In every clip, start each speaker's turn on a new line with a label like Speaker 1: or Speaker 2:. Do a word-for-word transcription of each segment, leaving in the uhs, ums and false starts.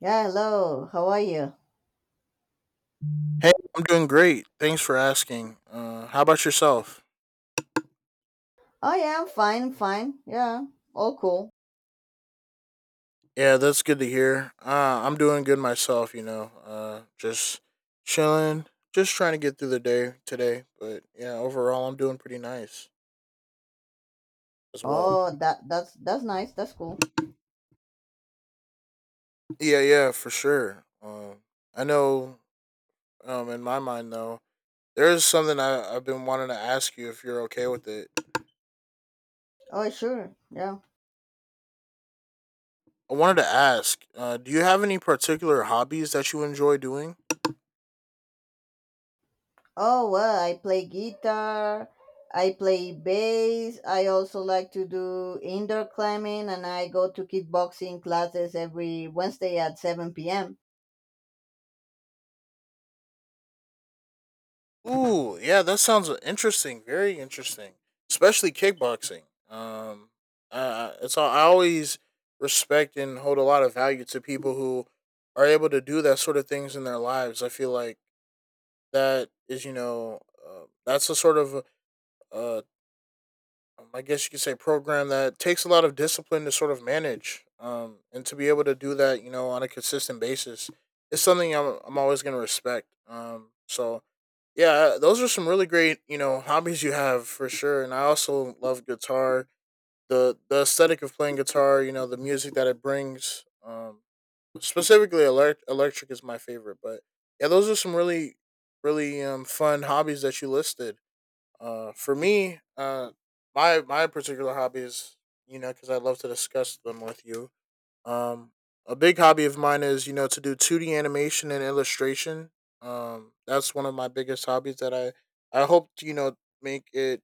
Speaker 1: Yeah, hello. How are you?
Speaker 2: Hey, I'm doing great. Thanks for asking. Uh, how about yourself?
Speaker 1: Oh yeah, I'm fine, fine. Yeah, all cool.
Speaker 2: Yeah, that's good to hear. Uh, I'm doing good myself, you know. Uh, just chilling, just trying to get through the day today. But yeah, overall, I'm doing pretty nice as well.
Speaker 1: Oh, that that's that's nice. That's cool.
Speaker 2: Yeah, yeah, for sure. Um, I know um, in my mind, though, there is something I, I've been wanting to ask you if you're okay with it.
Speaker 1: Oh sure. Yeah.
Speaker 2: I wanted to ask uh, do you have any particular hobbies that you enjoy doing?
Speaker 1: Oh well, I play guitar. I play bass. I also like to do indoor climbing, and I go to kickboxing classes every Wednesday at seven p m.
Speaker 2: Ooh, yeah, that sounds interesting. Very interesting, especially kickboxing. Um, uh, it's all, I always respect and hold a lot of value to people who are able to do that sort of things in their lives. I feel like that is, you know, uh, that's a sort of uh, um, I guess you could say program that takes a lot of discipline to sort of manage. Um, and to be able to do that, you know, on a consistent basis, is something I'm I'm always gonna respect. Um, so yeah, those are some really great, you know, hobbies you have for sure. And I also love guitar. The the aesthetic of playing guitar, you know, the music that it brings. Um, specifically, elect- electric is my favorite. But yeah, those are some really, really um, fun hobbies that you listed. Uh, for me, uh, my my particular hobbies, you know, because I love to discuss them with you. Um, a big hobby of mine is, you know, to do two D animation and illustration. Um, that's one of my biggest hobbies that I I hope to, you know, make it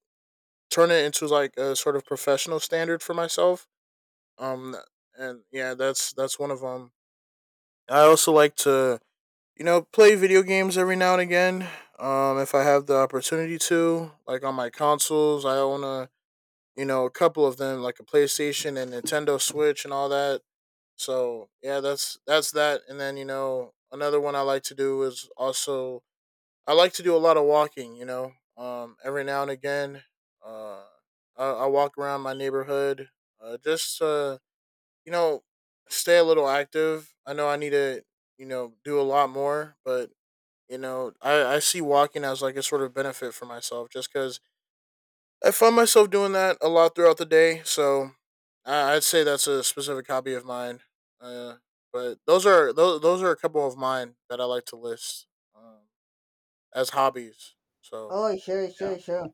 Speaker 2: turn it into like a sort of professional standard for myself. Um, and yeah, that's that's one of them. I also like to, you know, play video games every now and again. Um, if I have the opportunity to, like on my consoles, I own a, you know, a couple of them, like a PlayStation and Nintendo Switch and all that. So yeah, that's that's that. And then, you know, another one I like to do is also, I like to do a lot of walking. You know, um, every now and again, uh, I, I walk around my neighborhood, uh, just to, you know, stay a little active. I know I need to, you know, do a lot more, but you know I I see walking as like a sort of benefit for myself just because I find myself doing that a lot throughout the day, so I- I'd say that's a specific hobby of mine. Uh, but those are those, those are a couple of mine that I like to list um, as hobbies. So
Speaker 1: Oh sure,
Speaker 2: yeah.
Speaker 1: sure, sure.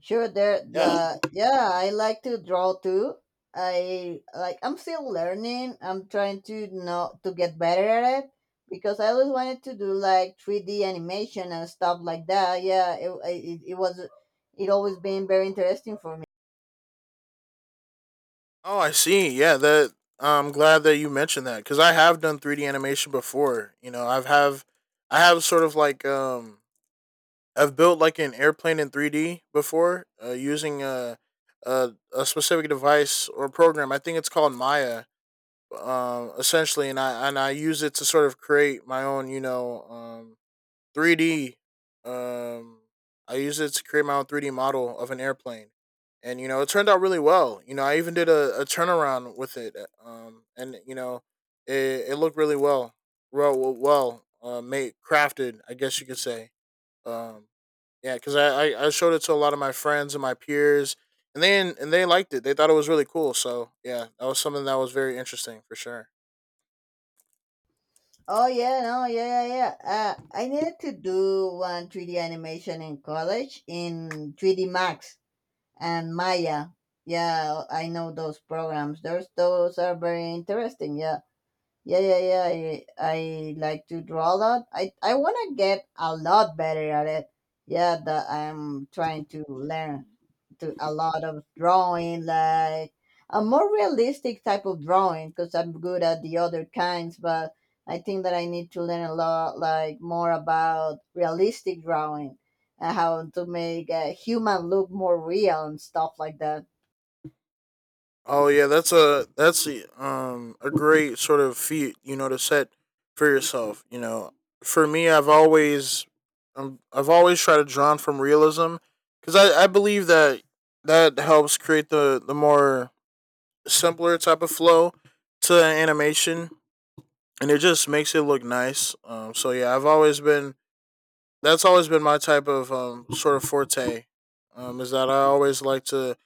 Speaker 1: Sure, there
Speaker 2: Yeah.
Speaker 1: the yeah, I like to draw too. I like I'm still learning. I'm trying to know to get better at it because I always wanted to do like three D animation and stuff like that. Yeah, it it, it was it always been very interesting for me.
Speaker 2: Oh, I see. Yeah, that, I'm glad that you mentioned that because I have done three D animation before. You know, I've have I have sort of like um I've built like an airplane in three D before uh, using a, a a specific device or program. I think it's called Maya um, essentially, and I and I use it to sort of create my own, you know, um, three D. Um, I use it to create my own three D model of an airplane, and you know, it turned out really well. You know, I even did a, a turnaround with it, um, and you know, it, it looked really well, well, well, well uh, made, crafted, I guess you could say. Um, yeah, because I, I I showed it to a lot of my friends and my peers, and then and they liked it. They thought it was really cool. So yeah, that was something that was very interesting for sure.
Speaker 1: Oh yeah, no, yeah, yeah, yeah. Uh, I needed to do one three D animation in college in three D Max and Maya. Yeah, I know those programs. Those those are very interesting. Yeah. Yeah, yeah, yeah. I, I like to draw a lot. I, I want to get a lot better at it. Yeah, that I'm trying to learn to a lot of drawing, like a more realistic type of drawing, because I'm good at the other kinds. But I think that I need to learn a lot, like more about realistic drawing and how to make a human look more real and stuff like that.
Speaker 2: Oh yeah, that's a that's a, um, a great sort of feat, you know, to set for yourself. You know, for me, I've always um, I've always tried to drawn from realism because I, I believe that that helps create the the more simpler type of flow to animation, and it just makes it look nice. Um, so yeah, I've always been that's always been my type of um sort of forte. Um, is that I always like to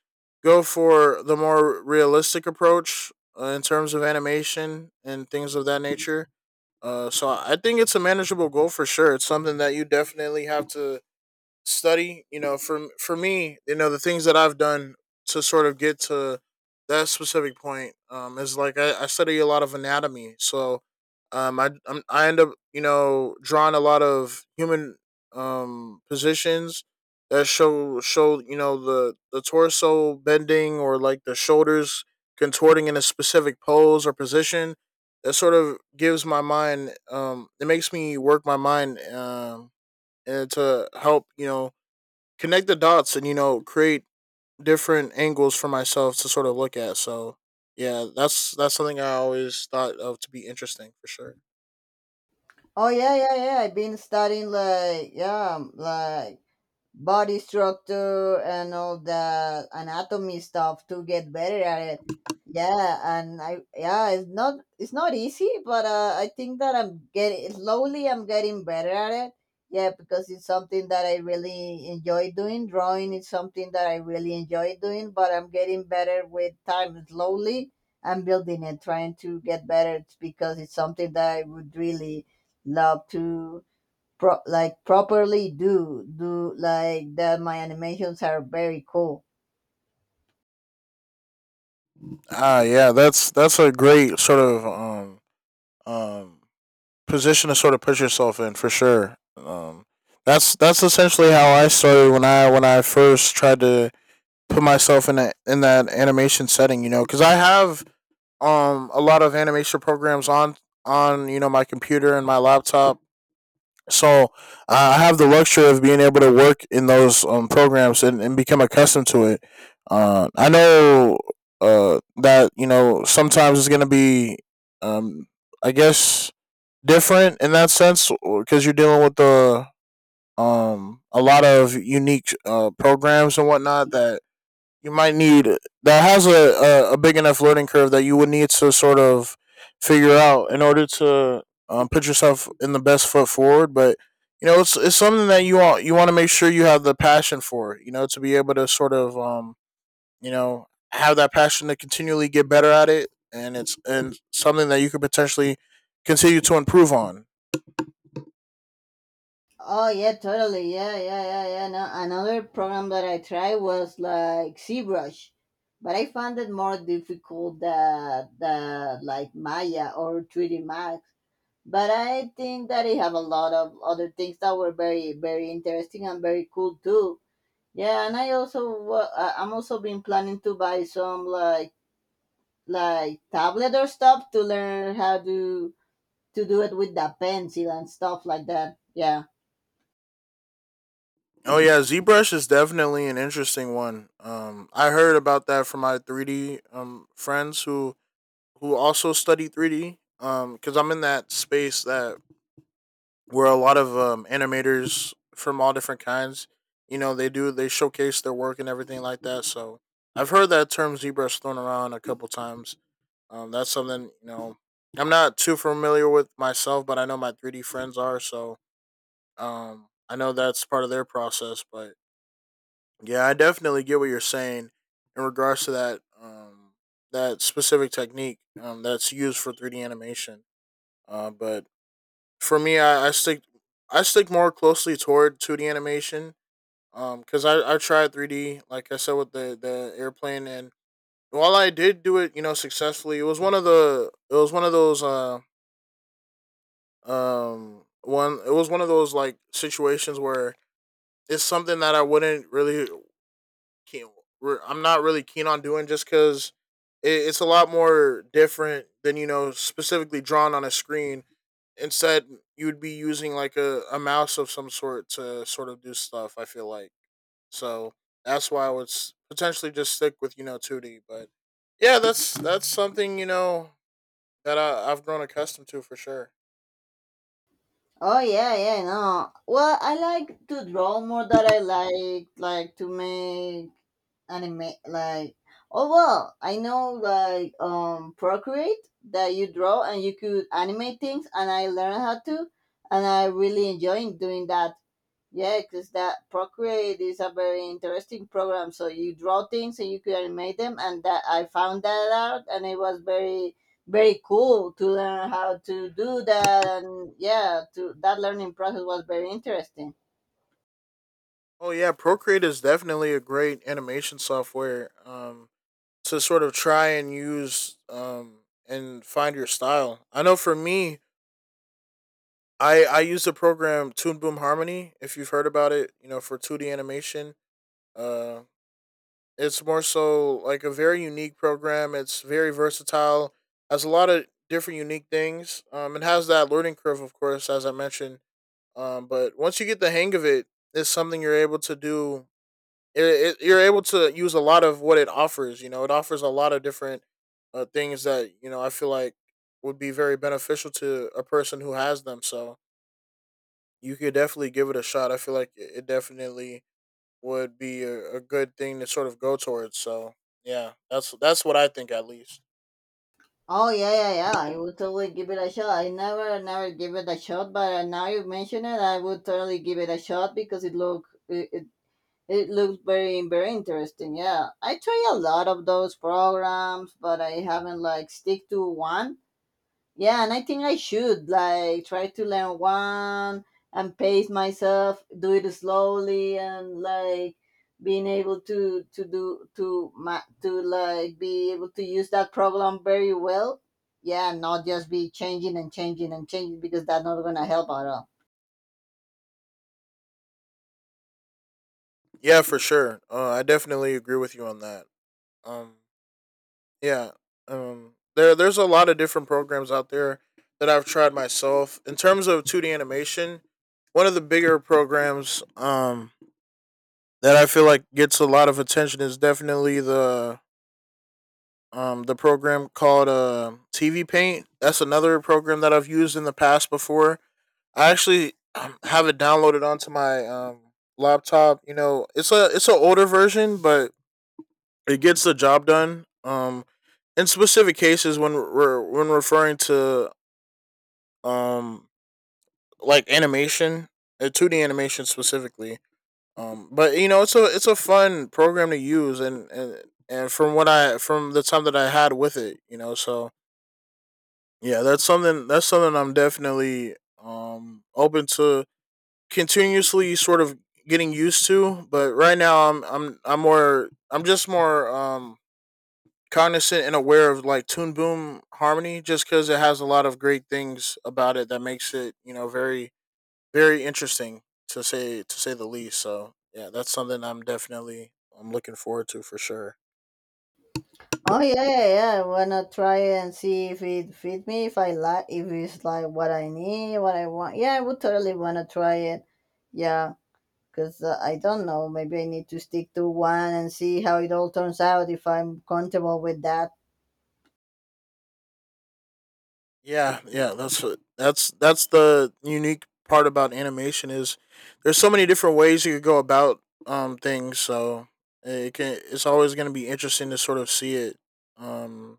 Speaker 2: go for the more realistic approach uh, in terms of animation and things of that nature. Uh, so I think it's a manageable goal for sure. It's something that you definitely have to study, you know, for for me, you know, the things that I've done to sort of get to that specific point um is like i, I study a lot of anatomy, so um i I'm, I end up, you know, drawing a lot of human um positions that show show, you know, the the torso bending or like the shoulders contorting in a specific pose or position that sort of gives my mind um it makes me work my mind um and to help, you know, connect the dots and, you know, create different angles for myself to sort of look at. So yeah, that's that's something I always thought of to be interesting for sure.
Speaker 1: Oh yeah, yeah, yeah. I've been studying like yeah, um, like body structure and all the anatomy stuff to get better at it. Yeah and I yeah it's not it's not easy, but uh, I think that i'm getting slowly I'm getting better at it. yeah, because it's something that I really enjoy doing. Drawing is something that I really enjoy doing, but I'm getting better with time slowly. I'm building it, trying to get better, because it's something that I would really love to pro- like properly do do, like that my animations are very cool.
Speaker 2: Ah, yeah, that's that's a great sort of um um position to sort of put yourself in for sure. Um, that's that's essentially how I started when I when I first tried to put myself in that in that animation setting. You know, because I have um a lot of animation programs on on, you know, my computer and my laptop. So I I have the luxury of being able to work in those um, programs, and, and become accustomed to it. Uh, I know uh, that, you know, sometimes it's going to be, um, I guess, different in that sense because you're dealing with the um, a lot of unique uh, programs and whatnot that you might need, that has a, a, a big enough learning curve that you would need to sort of figure out in order to um, put yourself in the best foot forward. But you know, it's it's something that you want you want to make sure you have the passion for. You know, to be able to sort of um, you know, have that passion to continually get better at it, and it's and something that you could potentially continue to improve on.
Speaker 1: oh yeah totally yeah yeah yeah yeah no, another program that I tried was like ZBrush, but I found it more difficult than, than like Maya or three d Max. But I think that it have a lot of other things that were very very interesting and very cool too. Yeah and I also wa- I- I'm also been planning to buy some like like tablet or stuff to learn how to to do it with the pencil and stuff like that. Yeah.
Speaker 2: Oh yeah, ZBrush is definitely an interesting one. Um, I heard about that from my three D um friends who who also study three D. Um, because I'm in that space that where a lot of um animators from all different kinds, you know, they do they showcase their work and everything like that. So I've heard that term ZBrush thrown around a couple times. Um, that's something, you know, I'm not too familiar with myself, but I know my three D friends are. So um, I know that's part of their process. But yeah, I definitely get what you're saying in regards to that um, that specific technique um, that's used for three D animation. Uh, but for me, I, I stick I stick more closely toward two D animation. Um, because I, I tried three D, like I said with the the airplane, and while I did do it, you know, successfully, it was one of the it was one of those uh um one it was one of those like situations where it's something that I wouldn't really keen. I'm not really keen on doing just because it, it's a lot more different than, you know, specifically drawn on a screen. Instead, you would be using like a, a mouse of some sort to sort of do stuff. I feel like, so that's why I would s- potentially just stick with, you know, two D. But yeah, that's that's something, you know, that I, I've grown accustomed to for sure.
Speaker 1: Oh yeah, yeah, no. Well, I like to draw more than I like like to make anime like Oh well, I know like um Procreate that you draw and you could animate things, and I learned how to, and I really enjoy doing that. Yeah, because that Procreate is a very interesting program. So you draw things and you can animate them, and that I found that out, and it was very, very cool to learn how to do that. And yeah, to that learning process was very interesting.
Speaker 2: Oh yeah, Procreate is definitely a great animation software. Um, to sort of try and use um and find your style. I know for me, I I use the program Toon Boom Harmony. If you've heard about it, you know, for two D animation. Uh, it's more so like a very unique program. It's very versatile. Has a lot of different unique things. Um, it has that learning curve, of course, as I mentioned. Um, but once you get the hang of it, it's something you're able to do it, it, you're able to use a lot of what it offers. You know, it offers a lot of different uh, things that, you know, I feel like would be very beneficial to a person who has them. So you could definitely give it a shot. I feel like it it definitely would be a, a good thing to sort of go towards. So yeah, that's that's what I think, at least.
Speaker 1: Oh yeah, yeah, yeah. I would totally give it a shot. I never, never give it a shot, but uh, now you mention it, I would totally give it a shot because it look it, it it looks very very interesting. Yeah, I try a lot of those programs, but I haven't like stick to one. Yeah, and I think I should like try to learn one and pace myself, do it slowly, and like being able to to do to ma- to like be able to use that program very well. Yeah, not just be changing and changing and changing, because that's not gonna help at all.
Speaker 2: Yeah, for sure. Uh, I definitely agree with you on that. Um, Yeah. Um, there there's a lot of different programs out there that I've tried myself. In terms of two D animation, one of the bigger programs um that I feel like gets a lot of attention is definitely the um the program called uh T V Paint. That's another program that I've used in the past before. I actually um, have it downloaded onto my um laptop, you know. It's a it's an older version, but it gets the job done. Um, in specific cases, when we're when referring to um like animation, uh, two D animation specifically. Um, but you know, it's a it's a fun program to use, and and and from what I from the time that I had with it, you know. So yeah, that's something that's something I'm definitely um open to continuously sort of getting used to. But right now, I'm I'm I'm more I'm just more um cognizant and aware of like Toon Boom Harmony, just because it has a lot of great things about it that makes it, you know, very, very interesting to say to say the least. So yeah, that's something I'm definitely I'm looking forward to for sure.
Speaker 1: Oh yeah, yeah, yeah. I wanna try and see if it fit me, if I like, if it's like what I need, what I want. Yeah, I would totally wanna try it. Yeah, because uh, I don't know. Maybe I need to stick to one and see how it all turns out if I'm comfortable with that.
Speaker 2: Yeah, yeah, that's what that's that's the unique part about animation is there's so many different ways you could go about um things. So it can it's always going to be interesting to sort of see it. um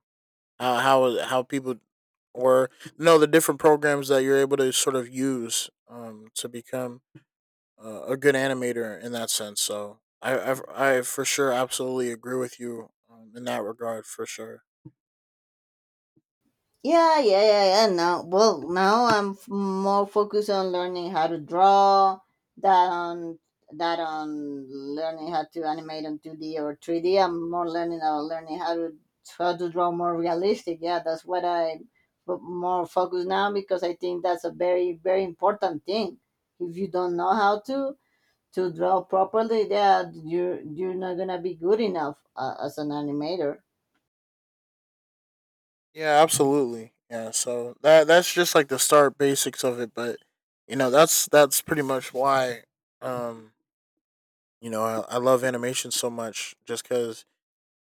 Speaker 2: How how how people were you know the different programs that you're able to sort of use um to become uh, a good animator in that sense. So I I, I for sure absolutely agree with you um, in that regard for sure.
Speaker 1: Yeah, yeah, yeah, yeah. Now, well, now I'm f- more focused on learning how to draw, that on that on learning how to animate on two D or three D. I'm more learning about learning how to how to draw more realistic. Yeah, that's what I put more focus now, because I think that's a very very important thing. If you don't know how to to draw properly, yeah, you you're you're not gonna be good enough uh, as an animator.
Speaker 2: Yeah, absolutely. Yeah, so that that's just like the start basics of it, but you know that's that's pretty much why um you know I, I love animation so much just because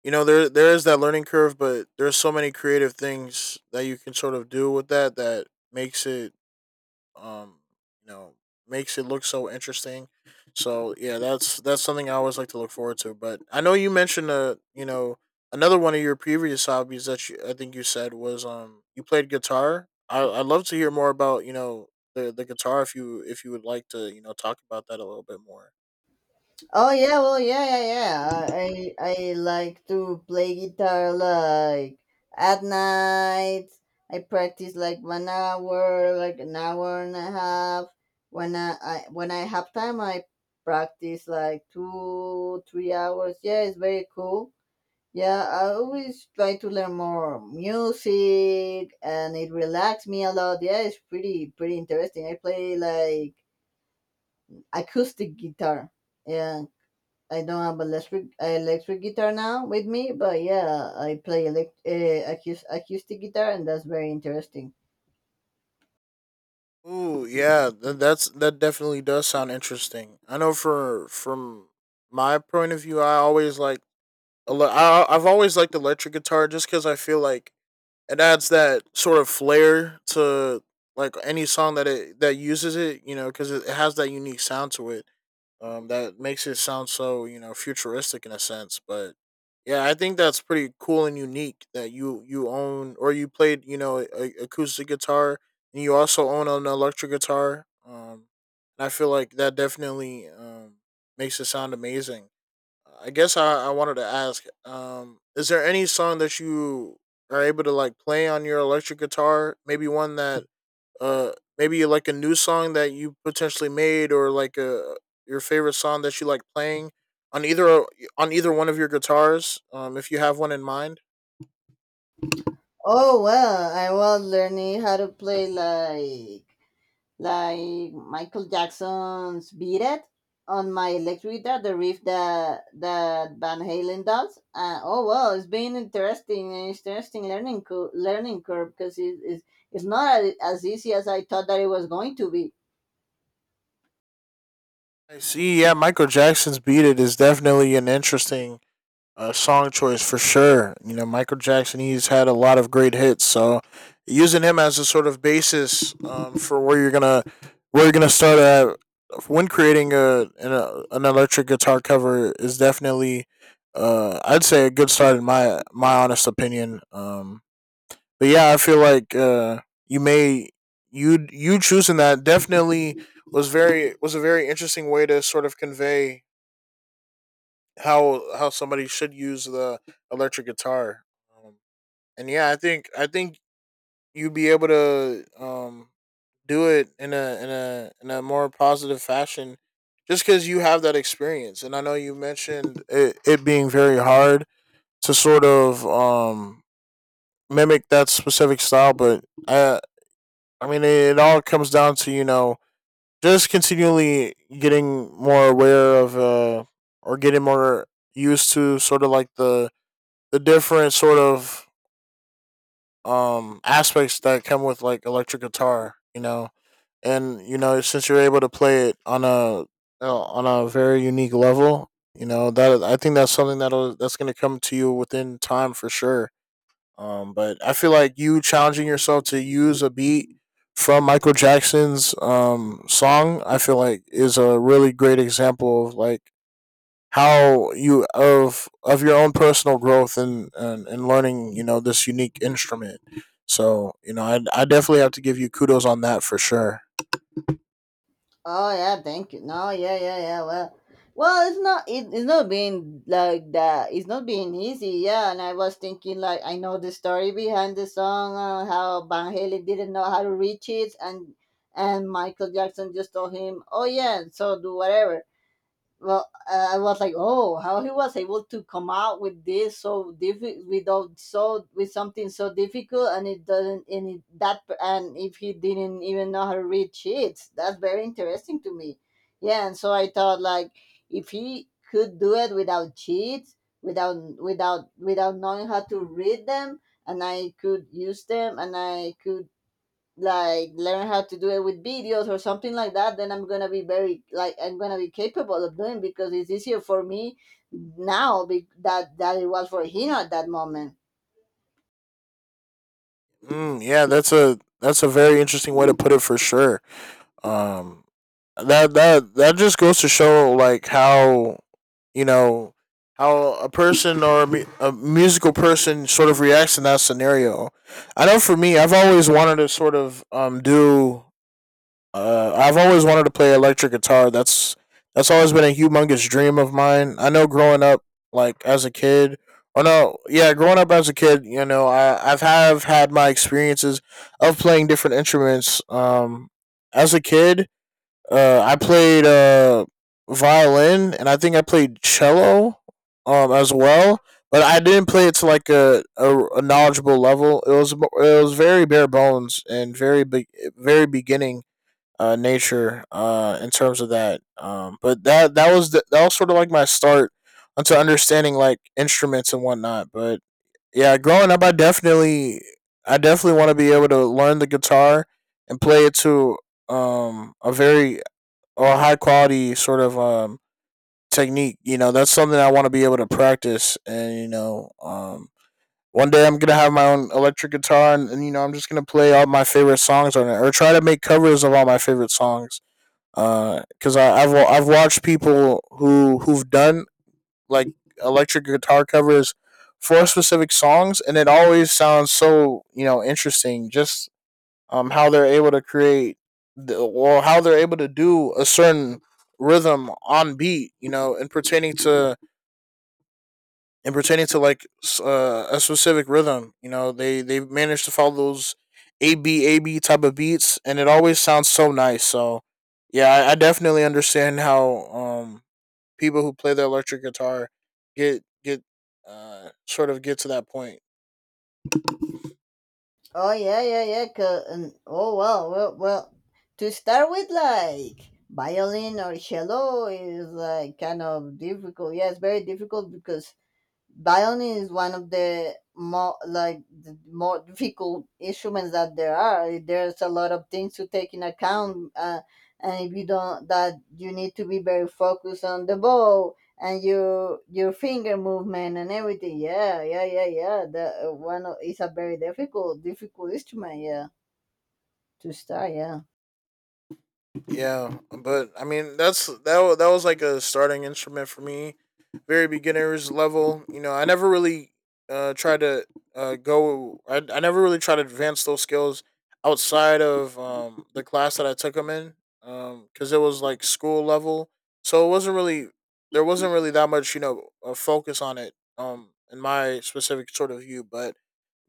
Speaker 2: you know there there is that learning curve, but there's so many creative things that you can sort of do with that that makes it, um you know, makes it look so interesting. So yeah, that's that's something I always like to look forward to. But I know you mentioned uh you know another one of your previous hobbies that you, I think you said was, um you played guitar. I I'd love to hear more about, you know, the the guitar if you, if you would like to, you know, talk about that a little bit more.
Speaker 1: Oh yeah, well yeah, yeah, yeah. I I like to play guitar like at night. I practice like one hour, like an hour and a half. When I, I when I have time, I practice like two, three hours. Yeah, it's very cool. Yeah, I always try to learn more music, and it relaxes me a lot. Yeah, it's pretty pretty interesting. I play like acoustic guitar. Yeah, I don't have electric electric guitar now with me, but yeah, I play elect, uh, acus- acoustic guitar, and that's very interesting.
Speaker 2: Ooh, yeah, th- that's that definitely does sound interesting. I know for from my point of view, I always like ele- I I've always liked electric guitar, just because I feel like it adds that sort of flair to like any song that it that uses it, you know, because it it has that unique sound to it. Um, that makes it sound so, you know, futuristic in a sense. But yeah, I think that's pretty cool and unique that you you own or you played, you know, a acoustic guitar and you also own an electric guitar. Um, and I feel like that definitely um makes it sound amazing. I guess I, I wanted to ask, um, is there any song that you are able to like play on your electric guitar? Maybe one that uh maybe like a new song that you potentially made, or like a your favorite song that you like playing on either on either one of your guitars, um if you have one in mind.
Speaker 1: Oh well, I was learning how to play like like Michael Jackson's "Beat It" on my electric guitar, the riff that that Van Halen does. Uh, oh well, it's been interesting, an interesting learning co- learning curve, because it is it's it's not as as easy as I thought that it was going to be.
Speaker 2: I see. Yeah, Michael Jackson's "Beat It" is definitely an interesting uh, song choice for sure. You know, Michael Jackson, he's had a lot of great hits. So using him as a sort of basis, um, for where you're gonna where you're gonna start at when creating a an, an electric guitar cover is definitely, uh, I'd say a good start in my my honest opinion. Um, but yeah, I feel like, uh, you may you you choosing that definitely was very was a very interesting way to sort of convey how how somebody should use the electric guitar. Um, and yeah, I think I think you'd be able to, um, do it in a in a in a more positive fashion, just because you have that experience. And I know you mentioned it, it being very hard to sort of, um, mimic that specific style. But I I mean, it, it all comes down to, you know, just continually getting more aware of, uh, or getting more used to sort of like the the different sort of, um aspects that come with like electric guitar, you know. And you know, since you're able to play it on a, uh, on a very unique level, you know, that I think that's something that'll, that's going to come to you within time for sure. Um, but I feel like you challenging yourself to use a beat from Michael Jackson's, um song, I feel like is a really great example of like how you, of of your own personal growth and, and, and learning, you know, this unique instrument. So you know, I, I definitely have to give you kudos on that for sure.
Speaker 1: Oh yeah, thank you. No, yeah, yeah, yeah. Well, well, it's not it, it's not being like that. It's not being easy. Yeah, and I was thinking like I know the story behind the song, uh, how Van Halen didn't know how to reach it, and and Michael Jackson just told him, "Oh yeah, so do whatever." well i I was like, oh, how he was able to come out with this so difficult without so with something so difficult, and it doesn't and it, that and if he didn't even know how to read sheets, that's very interesting to me. Yeah and so I thought like if he could do it without cheats, without without without knowing how to read them, and I could use them, and I could like learn how to do it with videos or something like that, then i'm gonna be very like I'm gonna be capable of doing, because it's easier for me now be- that that it was for him at that moment.
Speaker 2: Mm, yeah, that's a, that's a very interesting way to put it for sure. um that that that just goes to show like how, you know, how a person or a mu- a musical person sort of reacts in that scenario. I know for me, I've always wanted to sort of, um do Uh, I've always wanted to play electric guitar. That's that's always been a humongous dream of mine. I know growing up, like as a kid, or no, yeah, growing up as a kid, you know, I I've have had my experiences of playing different instruments. Um, as a kid, uh, I played uh violin, and I think I played cello, um, as well. But I didn't play it to like a, a, a knowledgeable level. It was it was very bare bones and very be- very beginning, uh, nature, uh, in terms of that. Um, but that that was the, that was sort of like my start onto understanding like instruments and whatnot. But yeah, growing up, I definitely I definitely want to be able to learn the guitar and play it to, um, a very or high quality sort of, um, technique. You know, that's something I want to be able to practice. And you know, um, one day I'm gonna have my own electric guitar, and, and you know, I'm just gonna play all my favorite songs on it, or try to make covers of all my favorite songs, because I I've I've watched people who who've done like electric guitar covers for specific songs, and it always sounds so, you know, interesting. Just um how they're able to create the, or how they're able to do a certain rhythm on beat, you know, and pertaining to and pertaining to like, uh, a specific rhythm. You know, they they manage to follow those A B A B type of beats, and it always sounds so nice. So yeah, I, I definitely understand how um people who play the electric guitar get get, uh sort of get to that point.
Speaker 1: oh yeah yeah yeah 'cause- and, oh well well well to start with like violin or cello is like kind of difficult. yeah, it's very difficult, because violin is one of the more like the more difficult instruments that there are. There's a lot of things to take in account. uh, and if you don't, that you need to be very focused on the bow and your your finger movement and everything. yeah yeah yeah yeah the uh, one o- is a very difficult difficult instrument, yeah, to start. Yeah
Speaker 2: Yeah, but I mean, that's that wa- that was like a starting instrument for me, very beginners level. You know, I never really uh tried to, uh go. I I never really tried to advance those skills outside of um the class that I took them in, um because it was like school level, so it wasn't really there wasn't really that much, you know, a focus on it, um in my specific sort of view. But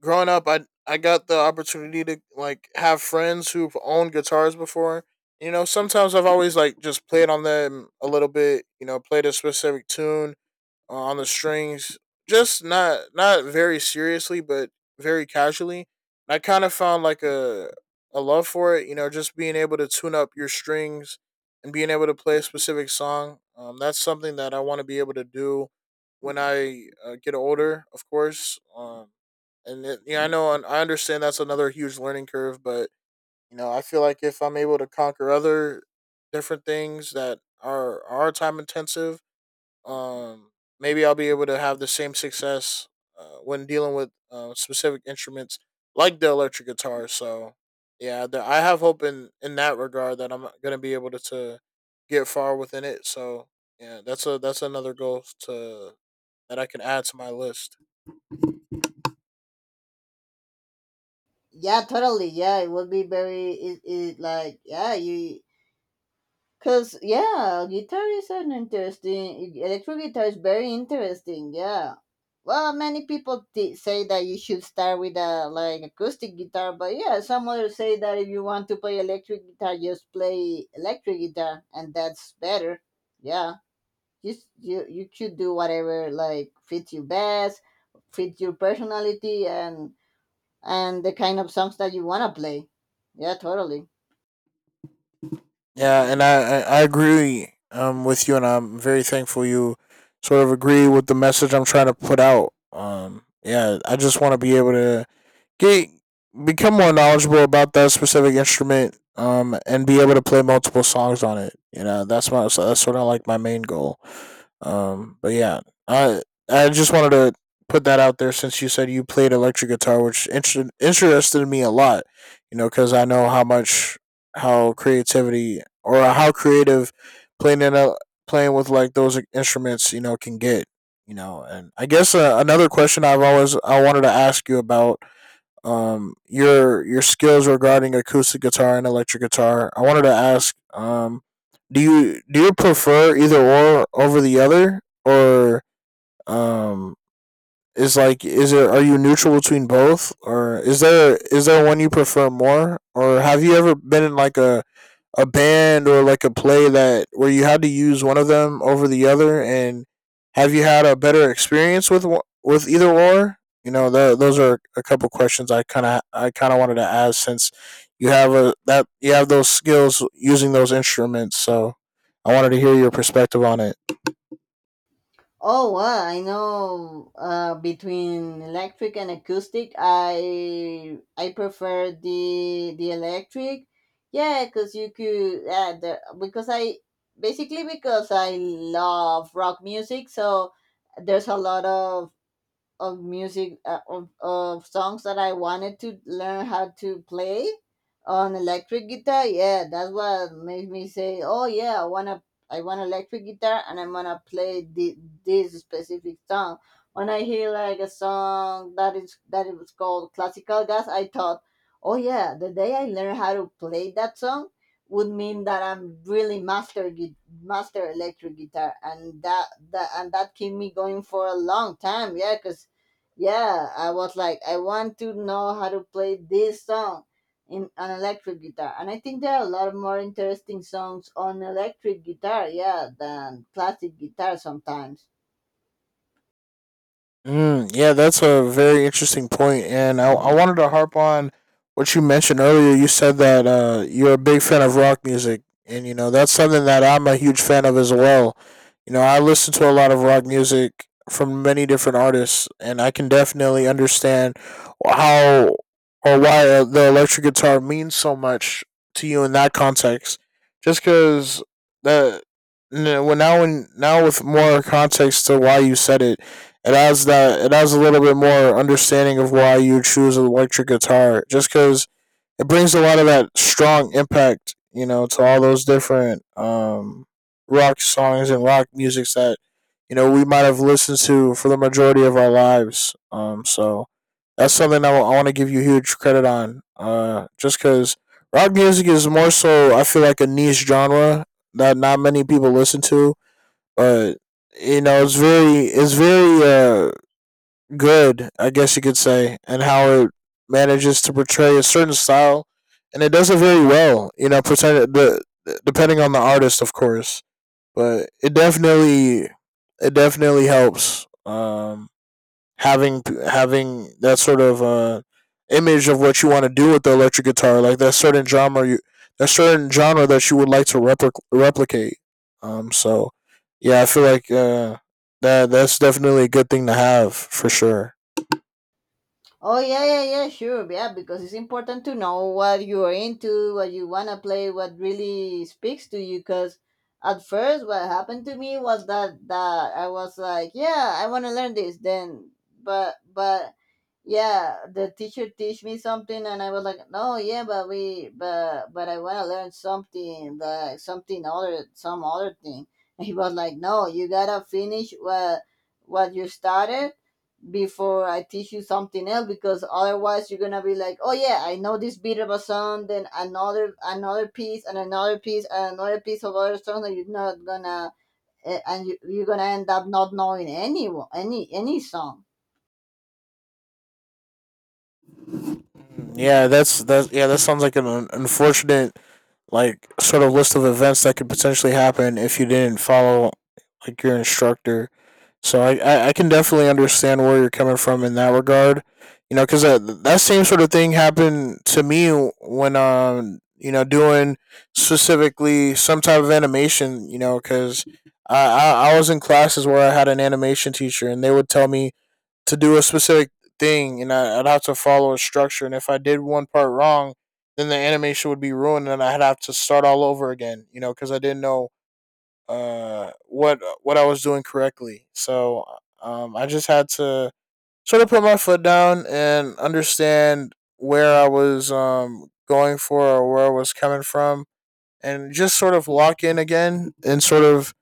Speaker 2: growing up, I I got the opportunity to like have friends who've owned guitars before. You know, sometimes I've always like just played on them a little bit. You know, played a specific tune, uh, on the strings. Just not not very seriously, but very casually. I kind of found like a a love for it, you know, just being able to tune up your strings and being able to play a specific song. Um, that's something that I want to be able to do when I, uh, get older, of course. Um, and it, yeah, I know and I understand that's another huge learning curve. But you know, I feel like if I'm able to conquer other different things that are are time intensive, um, maybe I'll be able to have the same success, uh, when dealing with, uh, specific instruments like the electric guitar. So yeah, the, I have hope in, in that regard, that I'm going to be able to, to get far within it. So yeah, that's a, that's another goal to that I can add to my list.
Speaker 1: yeah totally yeah it would be very it, it like yeah you cause yeah, guitar is an interesting — electric guitar is very interesting. Yeah, well, many people t- say that you should start with a like acoustic guitar, but yeah, some others say that if you want to play electric guitar, just play electric guitar, and that's better. Yeah, just you you should do whatever like fits you best, fits your personality, and and the kind of songs that you wanna play. Yeah, totally.
Speaker 2: Yeah, and I, I, I agree, um with you, and I'm very thankful you sort of agree with the message I'm trying to put out. Um, yeah, I just want to be able to get become more knowledgeable about that specific instrument um and be able to play multiple songs on it you know that's my so That's sort of like my main goal, um but yeah, i i just wanted to put that out there since you said you played electric guitar, which inter- interested me a lot. You know, because I know how much, how creativity or how creative playing in a, playing with like those instruments, you know, can get. You know, and I guess, uh, another question i've always I wanted to ask you about um your your skills regarding acoustic guitar and electric guitar. I wanted to ask, um do you do you prefer either or over the other, or um is like is there, are you neutral between both, or is there, is there one you prefer more, or have you ever been in like a a band or like a play that where you had to use one of them over the other, and have you had a better experience with with either or? You know, tho- those are a couple questions i kind of I kind of wanted to ask, since you have a that you have those skills using those instruments. So I wanted to hear your perspective on it.
Speaker 1: Oh, well, I know. Uh, between electric and acoustic, I I prefer the the electric. Yeah, because you could. Uh, the, because I basically because I love rock music, so there's a lot of of music uh, of, of songs that I wanted to learn how to play on electric guitar. Yeah, that's what made me say, "Oh yeah, I wanna I want electric guitar, and I'm gonna play the, this specific song." When I hear like a song that is that it was called classical jazz, I thought, "Oh yeah, the day I learn how to play that song" would mean that I'm really master gui- master electric guitar, and that that and that keep me going for a long time. Yeah, 'cause yeah, I was like, I want to know how to play this song in an electric guitar, and I think there are a lot of more interesting songs on electric guitar, yeah, than classic guitar sometimes.
Speaker 2: Mm, yeah, that's a very interesting point, and I, I wanted to harp on what you mentioned earlier. You said that uh, you're a big fan of rock music, and you know, that's something that I'm a huge fan of as well. You know, I listen to a lot of rock music from many different artists, and I can definitely understand how or why, uh, the electric guitar means so much to you in that context. Just because the n- well, now, when now with more context to why you said it, it has that it has a little bit more understanding of why you choose an electric guitar, just because it brings a lot of that strong impact, you know, to all those different, um, rock songs and rock music that, you know, we might have listened to for the majority of our lives. Um, so that's something that I want to give you huge credit on, uh, just because rock music is, more so I feel like, a niche genre that not many people listen to. But you know, it's very it's very, uh good, I guess you could say, and how it manages to portray a certain style, and it does it very well. You know, pretend the depending on the artist, of course, but it definitely it definitely helps, um, having having that sort of, uh, image of what you want to do with the electric guitar, like that certain genre you that certain genre that you would like to repli- replicate. Um, so yeah, I feel like, uh, that that's definitely a good thing to have for sure.
Speaker 1: Oh yeah, yeah, yeah, sure, yeah, because it's important to know what you are into, what you wanna play, what really speaks to you. Cause at first, what happened to me was that that I was like, yeah, I wanna learn this. Then, but but yeah, the teacher teach me something, and I was like, no, yeah, but we, but but I wanna learn something, like something other, some other thing. And he was like, no, you gotta finish what what you started before I teach you something else, because otherwise you're gonna be like, oh yeah, I know this beat of a song, then another another piece and another piece and another piece of other song that you're not gonna eh, and you, you're gonna end up not knowing any any any song.
Speaker 2: Yeah, that's that. Yeah, that sounds like an un- unfortunate, like, sort of list of events that could potentially happen if you didn't follow, like, your instructor. So I, I, I can definitely understand where you're coming from in that regard. You know, because that that same sort of thing happened to me when, um you know, doing specifically some type of animation. You know, because I, I I was in classes where I had an animation teacher, and they would tell me to do a specific thing, and I, I'd have to follow a structure. And if I did one part wrong, then the animation would be ruined, and I'd have to start all over again. You know, because I didn't know uh what what I was doing correctly. So um, I just had to sort of put my foot down and understand where I was um going for, or where I was coming from, and just sort of lock in again and sort of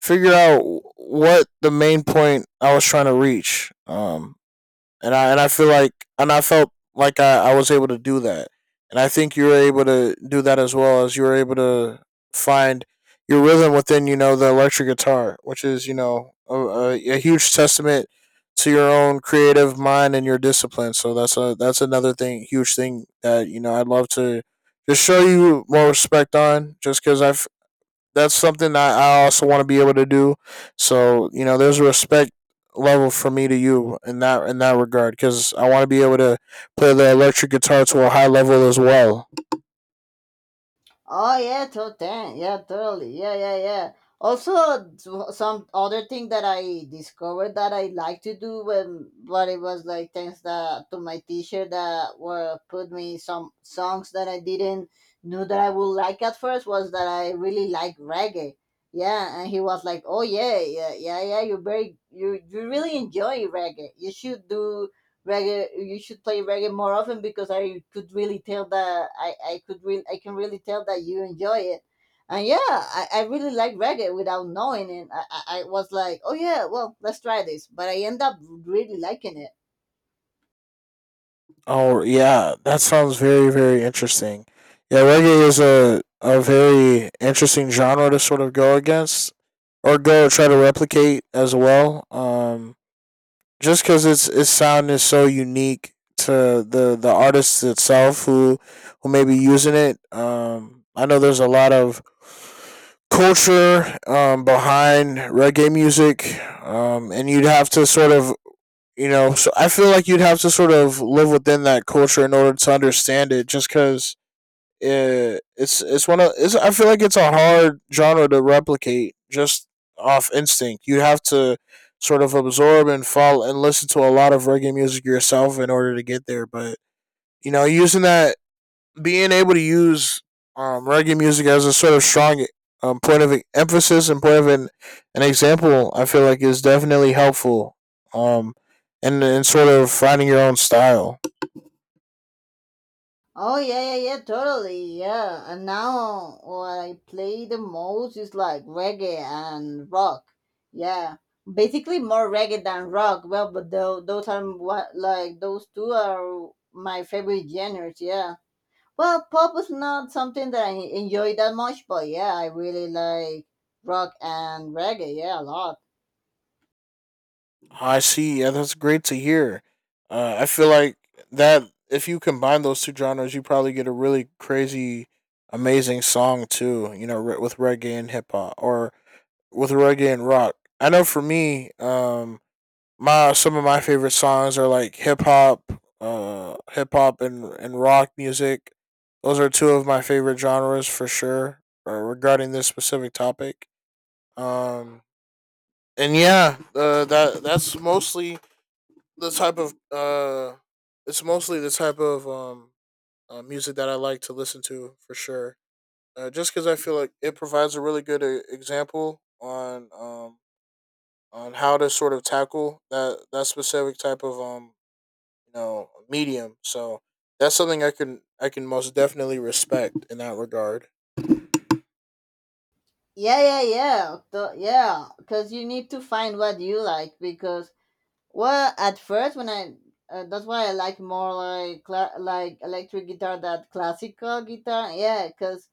Speaker 2: figure out what the main point I was trying to reach. Um, and I and I feel like and I felt like I, I was able to do that, and I think you were able to do that as well, as you were able to find your rhythm within, you know, the electric guitar, which is, you know, a, a, a huge testament to your own creative mind and your discipline. So that's a that's another thing, huge thing, that, you know, I'd love to just show you more respect on, just because I that's something that I also want to be able to do. So you know, there's a respect level for me to you in that in that regard, because I want to be able to play the electric guitar to a high level as well.
Speaker 1: Oh yeah, to ten. Yeah, totally. Yeah, yeah, yeah. Also, so- some other thing that I discovered that I like to do when, but it was like thanks that, to my teacher that were put me some songs that I didn't knew that I would like at first, was that I really like reggae. Yeah, and he was like, "Oh yeah, yeah, yeah, yeah. You very you you really enjoy reggae. You should do reggae, you should play reggae more often, because I could really tell that i i could really I can really tell that you enjoy it." And yeah, i, I really like reggae. Without knowing it, I, I I was like, oh yeah, well, let's try this, but I end up really liking it.
Speaker 2: Oh yeah, that sounds very very interesting. Yeah, reggae is a a very interesting genre to sort of go against or go try to replicate as well. Um, just because it's its sound is so unique to the the artist itself who who may be using it. Um, I know there's a lot of culture, um, behind reggae music, um, and you'd have to sort of, you know. So I feel like you'd have to sort of live within that culture in order to understand it. Just because it, it's it's one of it's, I feel like it's a hard genre to replicate just off instinct. You have to sort of absorb and follow and listen to a lot of reggae music yourself in order to get there. But you know, using that, being able to use, um, reggae music as a sort of strong, um, point of emphasis and point of an, an example, I feel like is definitely helpful. Um, and and sort of finding your own style.
Speaker 1: Oh yeah, yeah, yeah, totally, yeah. And now what I play the most is like reggae and rock. Yeah, basically more reggae than rock. Well, but tho- those are what like those two are my favorite genres, yeah. Well, pop is not something that I enjoy that much, but yeah, I really like rock and reggae. Yeah, a lot.
Speaker 2: I see. Yeah, that's great to hear. Uh, I feel like that if you combine those two genres, you probably get a really crazy, amazing song too. You know, re- with reggae and hip hop, or with reggae and rock. I know for me, um, my some of my favorite songs are like hip hop, uh, hip hop and and rock music. Those are two of my favorite genres for sure. Uh, regarding this specific topic, um, and yeah, uh, that that's mostly the type of uh it's mostly the type of um uh, music that I like to listen to for sure. Uh, just because I feel like it provides a really good, uh, example on, um on how to sort of tackle that that specific type of, um you know, medium. So that's something I can I can most definitely respect in that regard.
Speaker 1: Yeah, yeah, yeah, the, yeah. Because you need to find what you like. Because well, at first when I uh, that's why I like more like cla- like electric guitar than classical guitar. Yeah, because.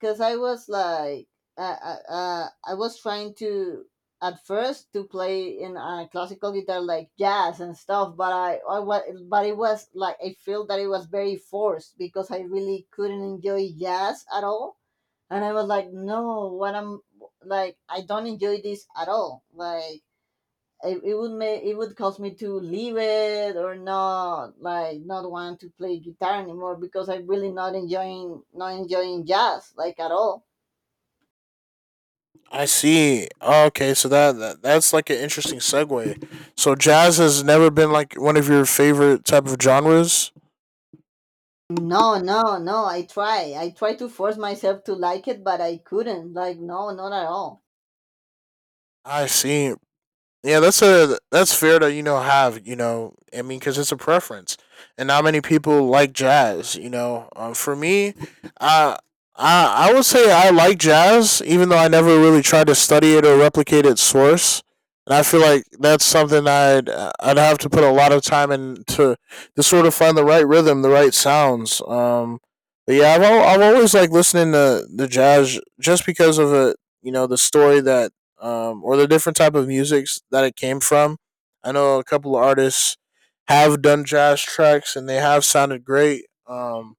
Speaker 1: Because I was like, uh, uh, uh, I was trying to at first to play in a classical guitar like jazz and stuff, but I, I wa- but it was like I feel that it was very forced, because I really couldn't enjoy jazz at all. And I was like, no, what I'm like, I don't enjoy this at all, like. It, it would make, it would cause me to leave it or not like, not want to play guitar anymore because I'm really not enjoying not enjoying jazz, like, at all.
Speaker 2: I see. Okay, so that, that that's like an interesting segue. So jazz has never been like one of your favorite type of genres.
Speaker 1: No, no, no. I try. I try to force myself to like it, but I couldn't. Like, no, not at all.
Speaker 2: I see. Yeah, that's a that's fair to, you know, have, you know, I mean, because it's a preference, and not many people like jazz. You know, um, for me, uh, I I would say I like jazz, even though I never really tried to study it or replicate its source. And I feel like that's something I'd I'd have to put a lot of time in to to sort of find the right rhythm, the right sounds. Um, but yeah, I've al- I've always like listening to the jazz, just because of it. You know, the story that, um, or the different type of musics that it came from. I know a couple of artists have done jazz tracks and they have sounded great. Um,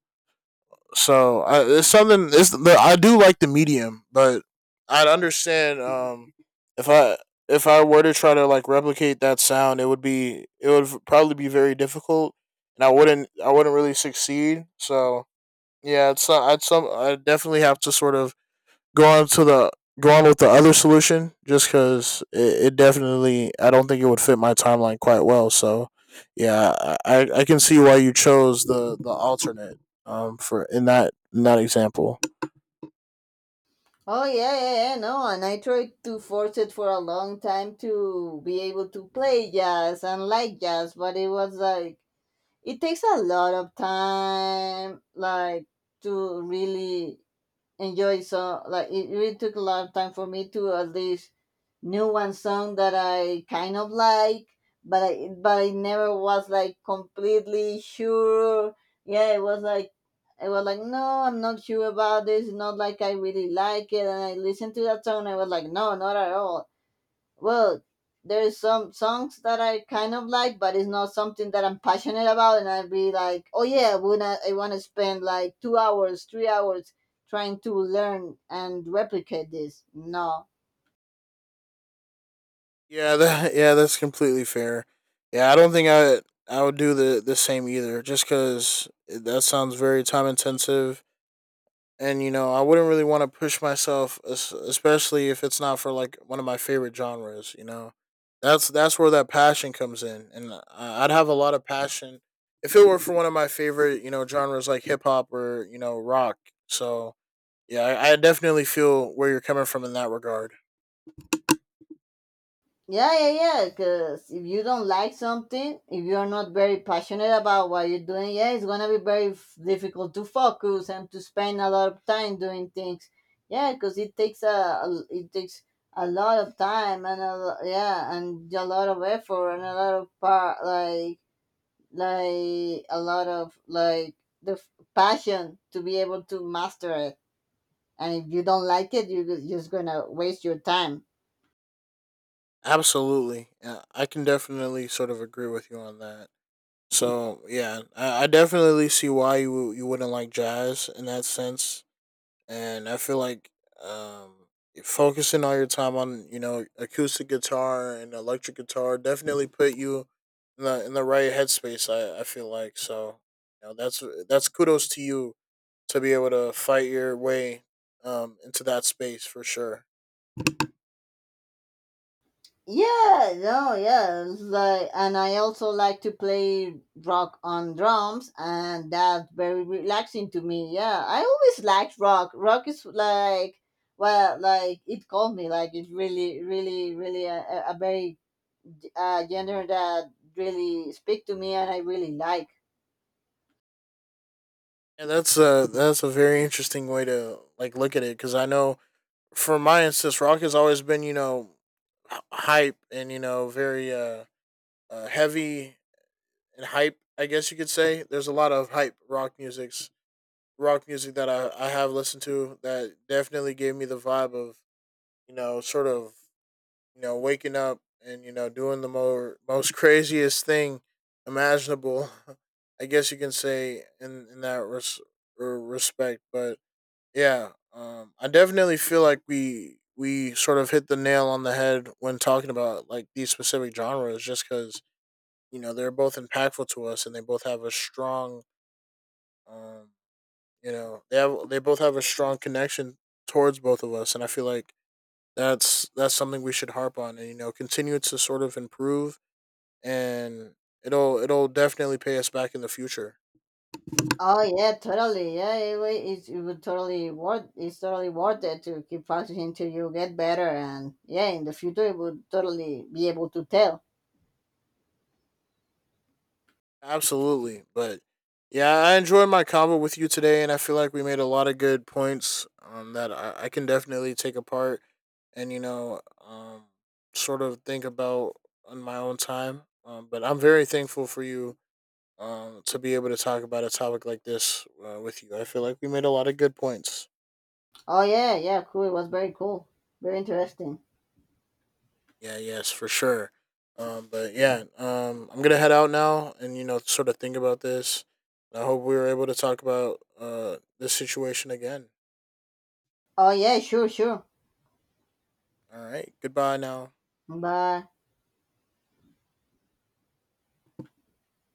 Speaker 2: so I, it's something. It's I do like the medium, but I'd understand, um, if I if I were to try to like replicate that sound, it would be, it would probably be very difficult, and I wouldn't I wouldn't really succeed. So yeah, it's not, I'd some I definitely have to sort of go on to the go on with the other solution, just because it, it definitely, I don't think it would fit my timeline quite well. So yeah, I, I can see why you chose the the alternate, um for in that in that example.
Speaker 1: Oh, yeah, yeah, yeah, no. And I tried to force it for a long time to be able to play jazz and like jazz, but it was like, it takes a lot of time, like, to really enjoy. So like, it really took a lot of time for me to at least knew one song that I kind of like, but I but I never was like completely sure. Yeah, it was like, I was like, no, I'm not sure about this, not like I really like it. And I listened to that song and I was like, no, not at all. Well, there's some songs that I kind of like, but it's not something that I'm passionate about, and I'd be like, oh yeah, when I, I want to spend like two hours, three hours trying to learn and replicate this. No.
Speaker 2: Yeah, that, yeah, that's completely fair. Yeah, I don't think I I would do the the same either, just because that sounds very time intensive, and you know, I wouldn't really want to push myself, es- especially if it's not for like one of my favorite genres. You know, that's that's where that passion comes in, and I- I'd have a lot of passion if it were for one of my favorite, you know, genres like hip hop or, you know, rock. So yeah, I, I definitely feel where you're coming from in that regard.
Speaker 1: Yeah, yeah, yeah. Because if you don't like something, if you're not very passionate about what you're doing, yeah, it's gonna be very f- difficult to focus and to spend a lot of time doing things. Yeah, because it takes a, a- it takes a lot of time and a lo- yeah, and a lot of effort and a lot of part like like a lot of like the f- passion to be able to master it. And if you don't like it, you're just gonna waste your time.
Speaker 2: Absolutely. Yeah, I can definitely sort of agree with you on that. So yeah, I, I definitely see why you you wouldn't like jazz in that sense, and I feel like, um, focusing all your time on, you know, acoustic guitar and electric guitar definitely put you in the in the right headspace. I, I feel like. So you know, that's that's kudos to you, to be able to fight your way, um, into that space for sure.
Speaker 1: Yeah, no, yeah. It's like, and I also like to play rock on drums, and that's very relaxing to me. Yeah, I always liked rock. Rock is like, well, like it called me. Like, it's really, really, really a, a a very uh, genre that really speak to me, and I really like.
Speaker 2: Yeah, that's a that's a very interesting way to like look at it, because I know for my instance, rock has always been, you know, h- hype, and you know, very, uh, uh heavy and hype. I guess you could say there's a lot of hype rock music's rock music that I I have listened to that definitely gave me the vibe of, you know, sort of, you know, waking up and, you know, doing the more most craziest thing imaginable. I guess you can say in in that res- er, respect. But yeah, um, I definitely feel like we we sort of hit the nail on the head when talking about like these specific genres, just because you know, they're both impactful to us, and they both have a strong, um, you know, they have they both have a strong connection towards both of us, and I feel like that's that's something we should harp on, and you know, continue to sort of improve, and it'll it'll definitely pay us back in the future.
Speaker 1: Oh yeah, totally. Yeah, it, wa- it's, it would totally worth. It's totally worth it to keep practicing till you get better, and yeah, in the future, it would totally be able to tell.
Speaker 2: Absolutely. But yeah, I enjoyed my convo with you today, and I feel like we made a lot of good points, um, that I, I can definitely take apart and, you know, um, sort of think about on my own time. Um, but I'm very thankful for you, um, to be able to talk about a topic like this, uh, with you. I feel like we made a lot of good points.
Speaker 1: Oh yeah, yeah, cool. It was very cool. Very interesting.
Speaker 2: Yeah, yes, for sure. Um, but yeah, um, I'm going to head out now and, you know, sort of think about this. I hope we were able to talk about, uh, this situation again.
Speaker 1: Oh yeah, sure, sure.
Speaker 2: All right. Goodbye now.
Speaker 1: Bye.